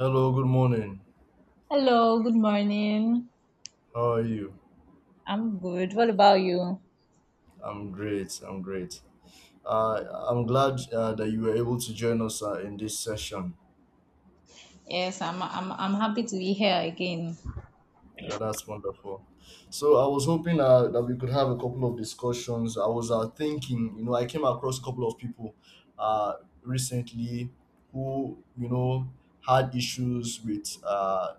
Hello, good morning. Hello, good morning. How are you? I'm good. What about you? I'm great. I'm great. I'm glad that you were able to join us in this session. Yes, I'm happy to be here again. Yeah, that's wonderful. So I was hoping that we could have a couple of discussions. I was thinking, you know, I came across a couple of people uh, recently who, you know, had issues with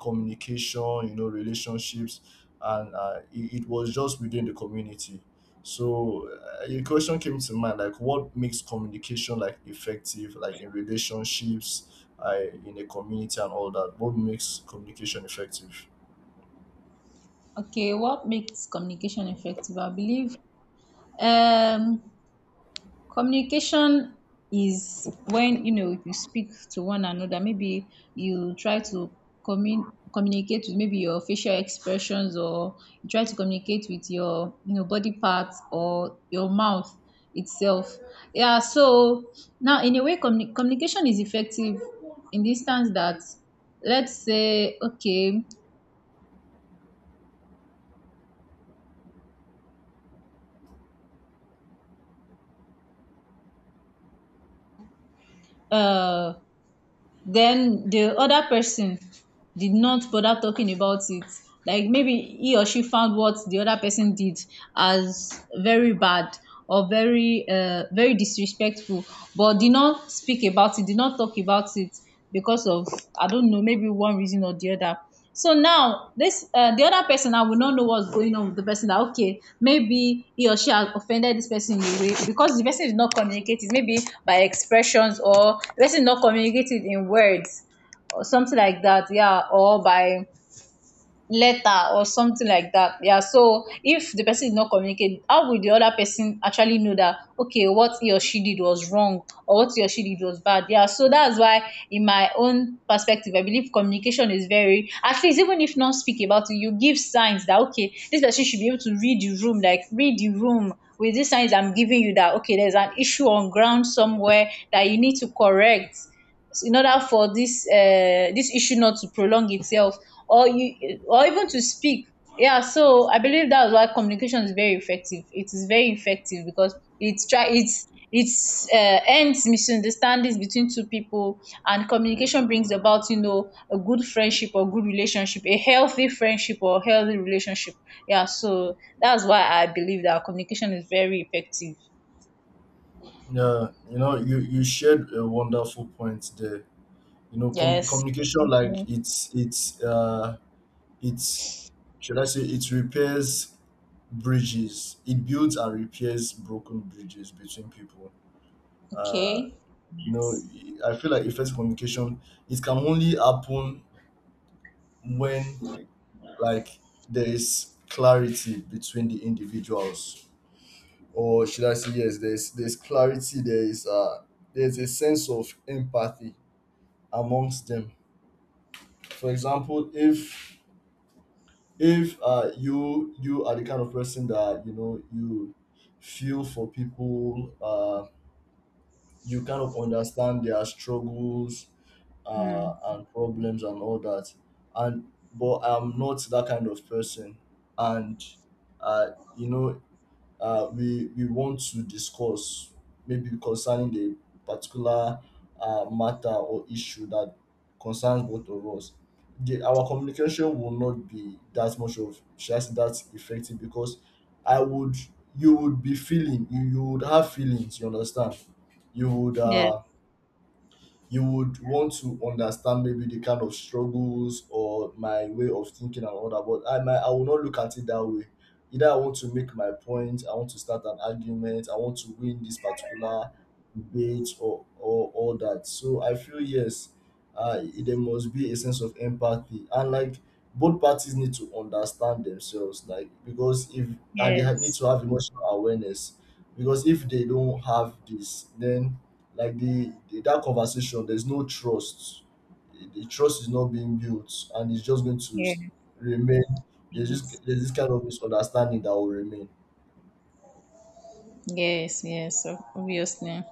communication, you know, relationships, and it was just within the community. So a question came to mind like, what makes communication like effective, like in relationships, in a community, and all that? What makes communication effective? Okay, what makes communication effective? I believe um Communication is when, you know, you speak to one another. Maybe you try to communicate with maybe your facial expressions, or you try to communicate with your body parts or your mouth itself. Yeah, so now in a way communication is effective in the instance that, let's say, okay, uh then the other person did not bother talking about it, like maybe he or she found what the other person did as very bad, or very very disrespectful, but did not speak about it, did not talk about it because of, I don't know, maybe one reason or the other. So now this the other person, I will not know what's going on with the person, that okay, maybe he or she has offended this person in a way because the person is not communicating, maybe by expressions, or the person is not communicating in words or something like that, yeah, or by letter or something like that. Yeah, so if the person is not communicating, how would the other person actually know that, okay, what he or she did was wrong, or what he or she did was bad? Yeah, so that's why, in my own perspective, I believe communication is very, at least, even if not speak about it, you give signs that okay, this person should be able to read the room, like, read the room with these signs I'm giving you, that okay, there's an issue on ground somewhere that you need to correct in order for this issue not to prolong itself, or you, or even to speak. Yeah, so I believe that's why communication is very effective. It is very effective because it's try it's ends misunderstandings between two people, and communication brings about, you know, a good friendship or good relationship, a healthy friendship or healthy relationship. Yeah, so that's why I believe that communication is very effective. Yeah, you know, you shared a wonderful point there. You know, Yes. communication Mm. like it's should I say it repairs bridges, it builds and repairs broken bridges between people. Okay. uh you Yes. know, I feel like effective communication, it can only happen when, like, there is clarity between the individuals, or should I say, yes, there's clarity, there is there's a sense of empathy amongst them. For example, if you, you are the kind of person that, you know, you feel for people, you kind of understand their struggles Hmm. And problems and all that. And but I'm not that kind of person, and uh, you know, we want to discuss, maybe concerning the particular matter or issue that concerns both of us, our communication will not be that much of just that effective, because I would, you would be feeling, you would have feelings. You understand? You would. Yes, You would want to understand maybe the kind of struggles or my way of thinking and all that. But I will not look at it that way. Either I want to make my point, I want to start an argument, I want to win this particular debate or all that. So I feel yes, there must be a sense of empathy and like both parties need to understand themselves, like because if need yes, to have emotional awareness, because if they don't have this, then like the that conversation, there's no trust, the trust is not being built and it's just going to yes, remain. There's this, yes. there's this kind of misunderstanding that will remain. Yes, yes, obviously.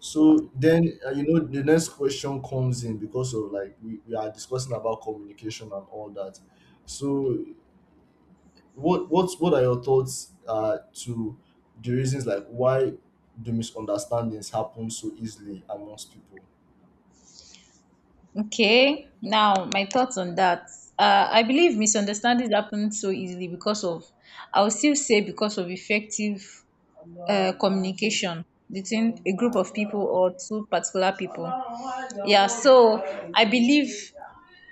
So then you know the next question comes in. Because of like we are discussing about communication and all that, so what are your thoughts to the reasons like why do misunderstandings happen so easily amongst people? Okay, now my thoughts on that. I believe misunderstandings happen so easily because of, I will still say, because of effective communication between a group of people or two particular people. Yeah, so I believe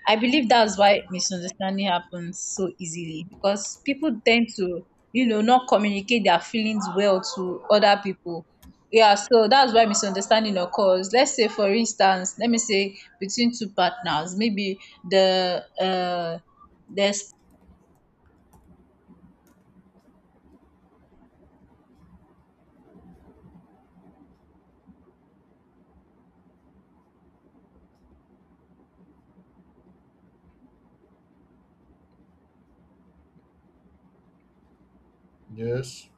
I believe that's why misunderstanding happens so easily, because people tend to, you know, not communicate their feelings well to other people. Yeah, so that's why misunderstanding occurs. Let's say, for instance, let me say between two partners, maybe the uh, the Yes.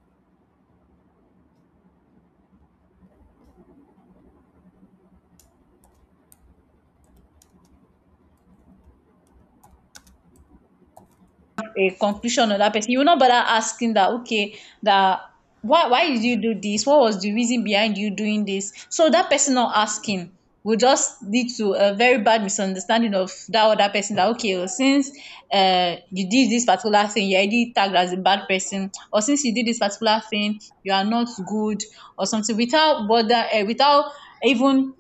a conclusion on that person. You will not bother asking that, okay, that, why did you do this? What was the reason behind you doing this? So that person not asking will just lead to a very bad misunderstanding of that other person, that okay, well, since you did this particular thing, you're already tagged as a bad person, or since you did this particular thing, you are not good, or something, without bother, without even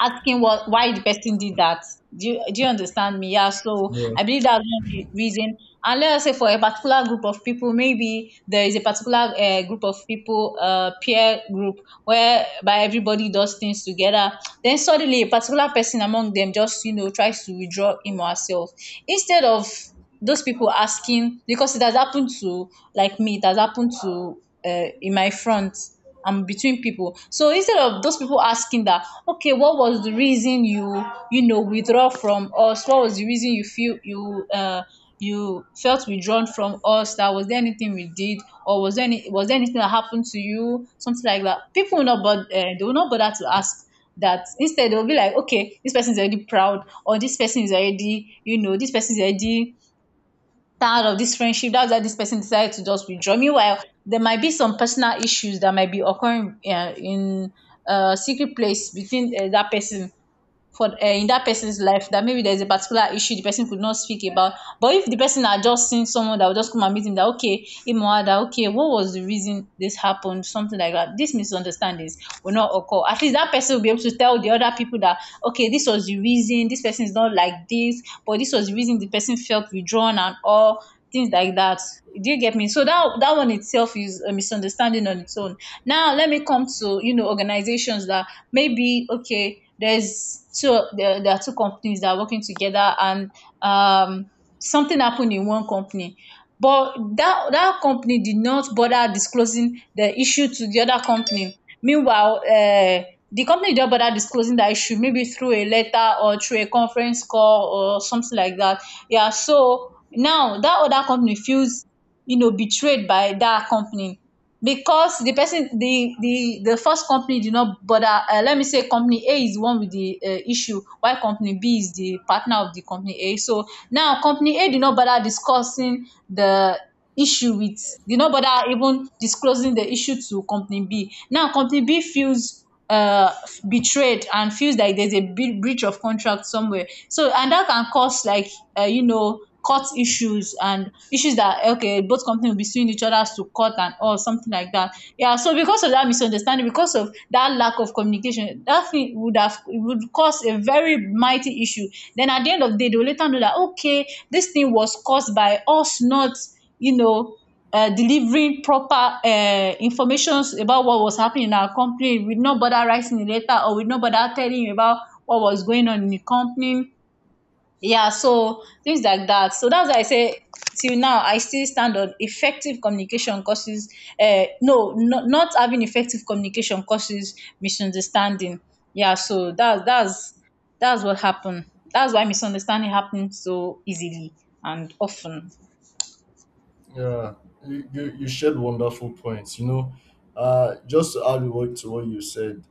asking what, why the person did that. Do you understand me? Yeah. So I believe that's one of the reason. And let us say, for a particular group of people, maybe there is a particular group of people, peer group, where by everybody does things together. Then suddenly a particular person among them just, you know, tries to withdraw him or herself, instead of those people asking, because it has happened to, like, me, it has happened to, in my front and between people. So instead of those people asking that, okay, what was the reason you, you know, withdraw from us, what was the reason you feel you, you felt withdrawn from us, that was there anything we did, or was there any, was there anything that happened to you, something like that. People will not bother, they will not bother to ask that. Instead, they'll be like, okay, this person is already proud, or this person is already, you know, this person is already tired of this friendship, that's why this person decided to just withdraw. Meanwhile, there might be some personal issues that might be occurring, in a secret place between, that person, for in that person's life, that maybe there's a particular issue the person could not speak about. But if the person had just seen someone that would just come and meet him, that okay him or her, that okay, what was the reason this happened, something like that, these misunderstandings will not occur. At least that person will be able to tell the other people that, okay, this was the reason, this person is not like this, but this was the reason the person felt withdrawn, and all things like that. Do you get me? So that, that one itself is a misunderstanding on its own. Now let me come to, you know, organizations, that maybe, okay, there are two companies that are working together, and um something happened in one company, but that company did not bother disclosing the issue to the other company. Meanwhile, the company did not bother disclosing that issue, maybe through a letter or through a conference call or something like that. Yeah, so now that other company feels, you know, betrayed by that company, because the person the first company did not bother, let me say company A is the one with the issue, while company B is the partner of the company A. So now company A did not bother discussing the issue with, did not bother even disclosing the issue to company B. Now company B feels uh betrayed, and feels like there's a big breach of contract somewhere. So, and that can cause, like, you know, court issues and issues that okay, both companies will be suing each other to court and all, something like that. Yeah, so because of that misunderstanding, because of that lack of communication, that thing would have, it would cause a very mighty issue. Then at the end of the day, they'll later know that okay, this thing was caused by us not, you know delivering proper informations about what was happening in our company, with no bother writing a letter, or with no bother telling you about what was going on in the company. Yeah, so things like that. So that's why I say, till now, I still stand on effective communication causes, no, no, not having effective communication causes misunderstanding. Yeah, so that's what happened. That's why misunderstanding happens so easily and often. Yeah, you shared wonderful points. You know, just to add what to what you said,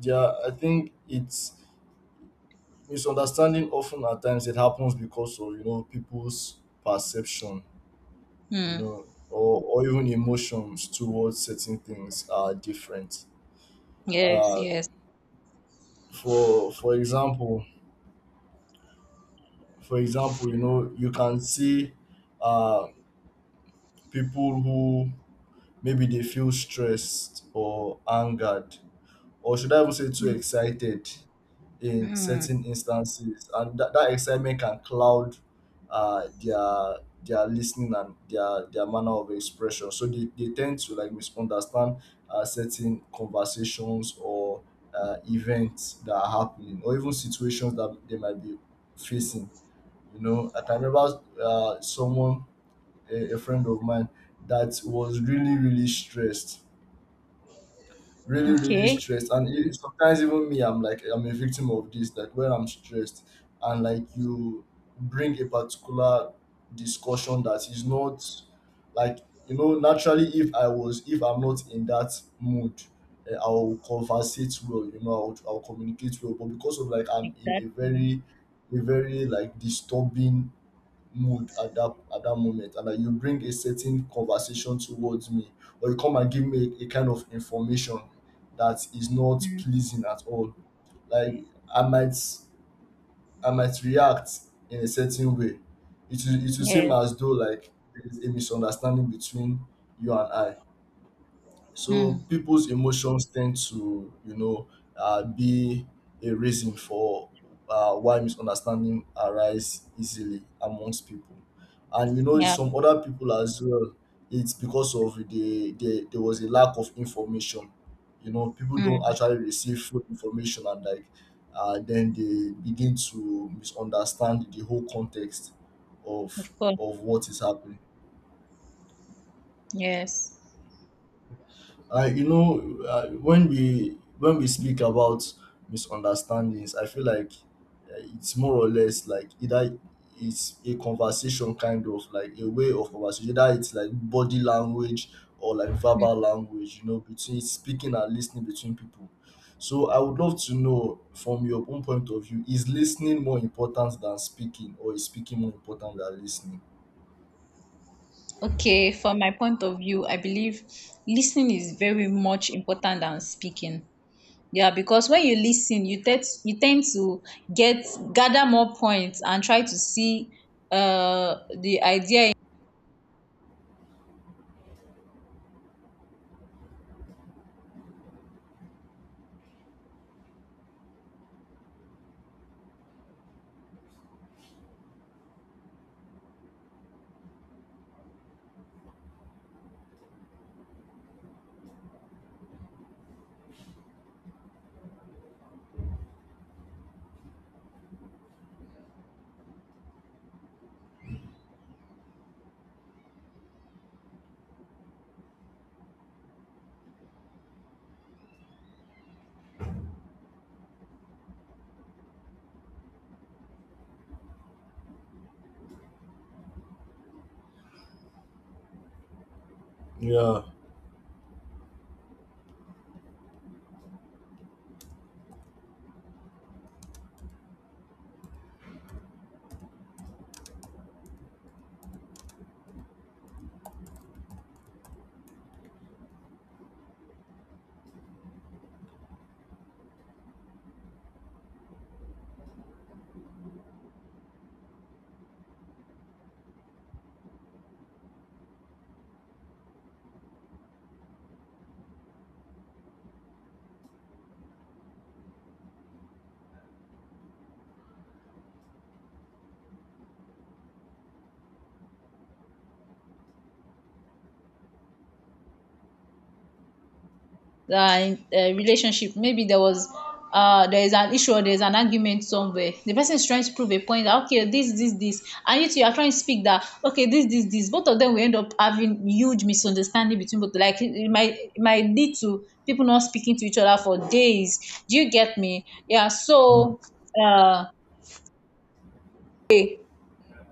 yeah, I think it's misunderstanding often at times, it happens because of, you know, people's perception, you Hmm. know, or even emotions towards certain things are different. Yes, Uh, yes. for example, for example, you know, you can see uh people who maybe they feel stressed or angered, or should I even say too excited in Hmm. certain instances, and that, that excitement can cloud uh, their their listening and their manner of expression. So they tend to like misunderstand certain conversations or events that are happening, or even situations that they might be facing. You know, I can remember someone, a friend of mine, that was really, really stressed, really, really Okay. stressed. And sometimes even me, I'm like, I'm a victim of this. Like, when I'm stressed and like you bring a particular discussion that is not like, you know, naturally if I was, if I'm not in that mood, I'll conversate well, you know, I'll communicate well. But because of like, I'm in a Exactly. very, a very like disturbing mood at that moment, and that you bring a certain conversation towards me, or you come and give me a kind of information that is not Mm. pleasing at all, like I might I might react in a certain way, it will, it will seem Yes. as though like there is a misunderstanding between you and I. So Mm. people's emotions tend to, you know, be a reason for why misunderstanding arise easily amongst people. And you know, Yeah. some other people as well, it's because of there was a lack of information. You know, people don't Mm. actually receive full information, and like then they begin to misunderstand the whole context Of of course. What is happening. Yes. I, you know, when we speak about misunderstandings, I feel like it's more or less like, either it's a conversation, kind of like a way of conversation. Either it's like body language or like Mm. verbal language, you know, between speaking and listening between people. So I would love to know from your own point of view, is listening more important than speaking, or is speaking more important than listening? Okay. From my point of view, I believe listening is very much important than speaking. Yeah, because when you listen, you tend to get gather more points and try to see the idea, Yeah. Relationship. Maybe there is an issue, or there's an argument somewhere, the person is trying to prove a point that okay, this, and you two are trying to speak that okay, this, this, this. Both of them will end up having huge misunderstanding between both, like it might lead to people not speaking to each other for days. Do you get me? Yeah, Mm. so uh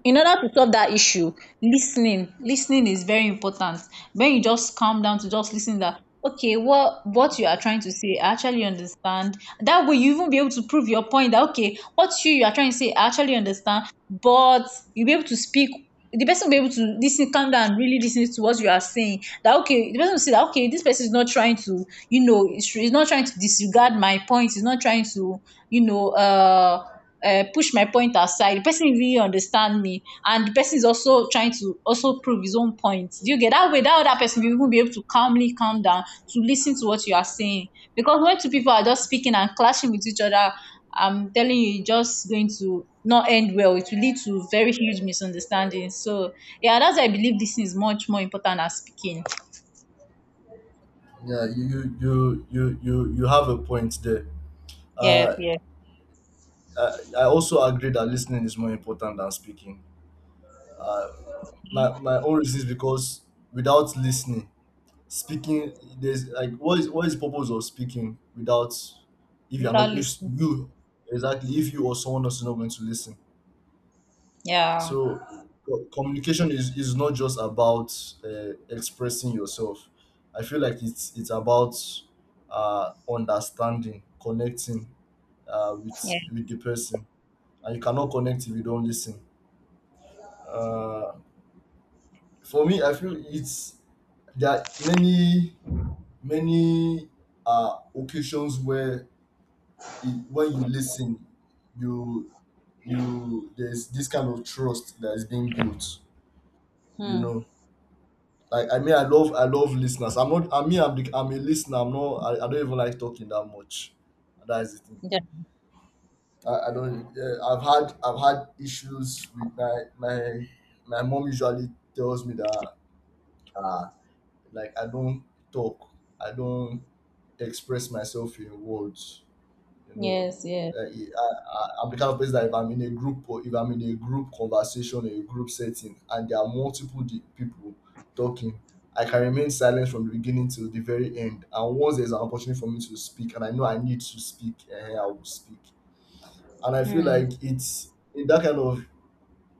in order to solve that issue, listening is very important. When you just calm down to just listen, that okay, what you are trying to say, I actually understand, that way you even be able to prove your point, that okay, what you are trying to say, I actually understand. But you be able to speak, the person will be able to listen, calm down, and really lis to what you are saying, that okay, the person will see that okay, this person is not trying to, is not trying to disregard my point, is not trying to, you know uh push my point aside, the person really understand me, and the person is also trying to also prove his own point. Do you get that way that other person will even be able to calmly calm down to listen to what you are saying? Because when two people are just speaking and clashing with each other, I'm telling you, it's just going to not end well. It will lead to very huge misunderstandings. So yeah, that's why I believe this is much more important than speaking. Yeah, you have a point there. Yeah, Uh, yeah. I also agree that listening is more important than speaking. Uh, my, my own reason is because without listening, speaking, there's like, what is, what is the purpose of speaking without, if you're Without not, if listening. you, exactly, if you or someone else is not going to listen. Yeah. So communication is not just about expressing yourself. I feel like it's about understanding, connecting with Yeah. with the person. And you cannot connect if you don't listen. Uh, for me, I feel it's there are many, many occasions where it, when you listen, you you, there's this kind of trust that is being built. You Hmm. know, like, I mean, I love, I love listeners. I'm not. I mean, I'm the, I'm a listener. I'm not. I don't even like talking that much. That is the thing. Yeah. I don't. I've had, I've had issues with my my mom. Usually tells me that. uh. Like, I don't talk, I don't express myself in words. You know, Yes, yes. I, I'm the kind of person that if I'm in a group, or if I'm in a group conversation or a group setting, and there are multiple people talking, I can remain silent from the beginning till the very end. And once there's an opportunity for me to speak, and I know I need to speak, I will speak. And I feel Hmm. like it's in that kind of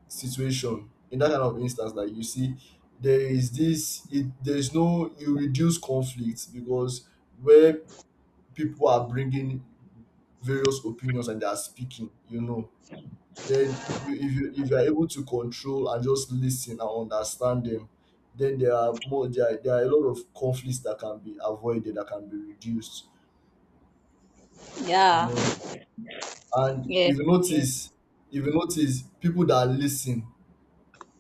situation, in that kind of instance that you see there is this, it, there is no, you reduce conflict. Because where people are bringing various opinions and they are speaking, you know, then you, if you, if you are able to control and just listen and understand them, then there are more, there are a lot of conflicts that can be avoided, that can be reduced. You Yeah. know, and Yes, if you yes, notice, if you notice, people that listen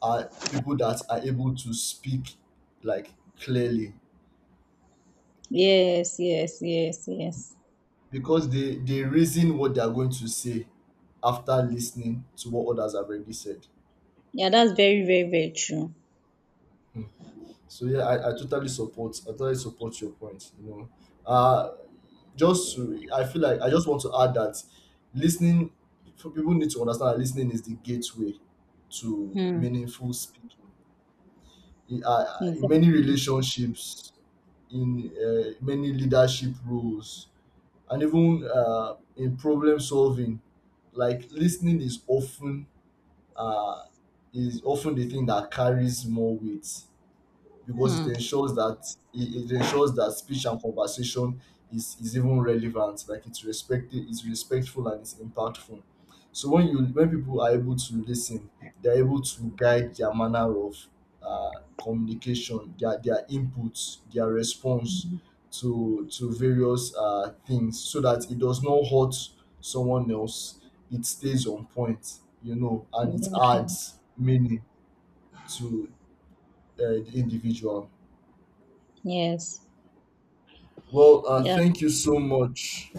are people that are able to speak like clearly, yes, yes, yes, yes. because they reason what they are going to say after listening to what others have already said. Yeah, that's very, very, very true. Hmm. So yeah, I totally support, I totally support your point. You know, uh, just to, I feel like I just want to add that listening, for people need to understand that listening is the gateway to Hmm. meaningful speaking. In many Exactly. relationships, in many leadership roles, and even in problem solving, like listening uh, is often the thing that carries more weight. Because Hmm. it ensures that it ensures that speech and conversation is even relevant, like it's respected, it's respectful, and it's impactful. So when you, when people are able to listen, they're able to guide their manner of communication, their inputs, their response to various things, so that it does not hurt someone else. It stays on point, you know, and it Exactly. adds meaning to uh, the individual. Yes. Well, Yeah. thank you so much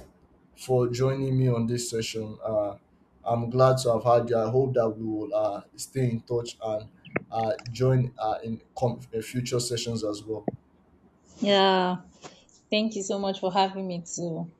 for joining me on this session. I'm glad to have had you. I hope that we will stay in touch, and join in future sessions as well. Yeah. Thank you so much for having me too.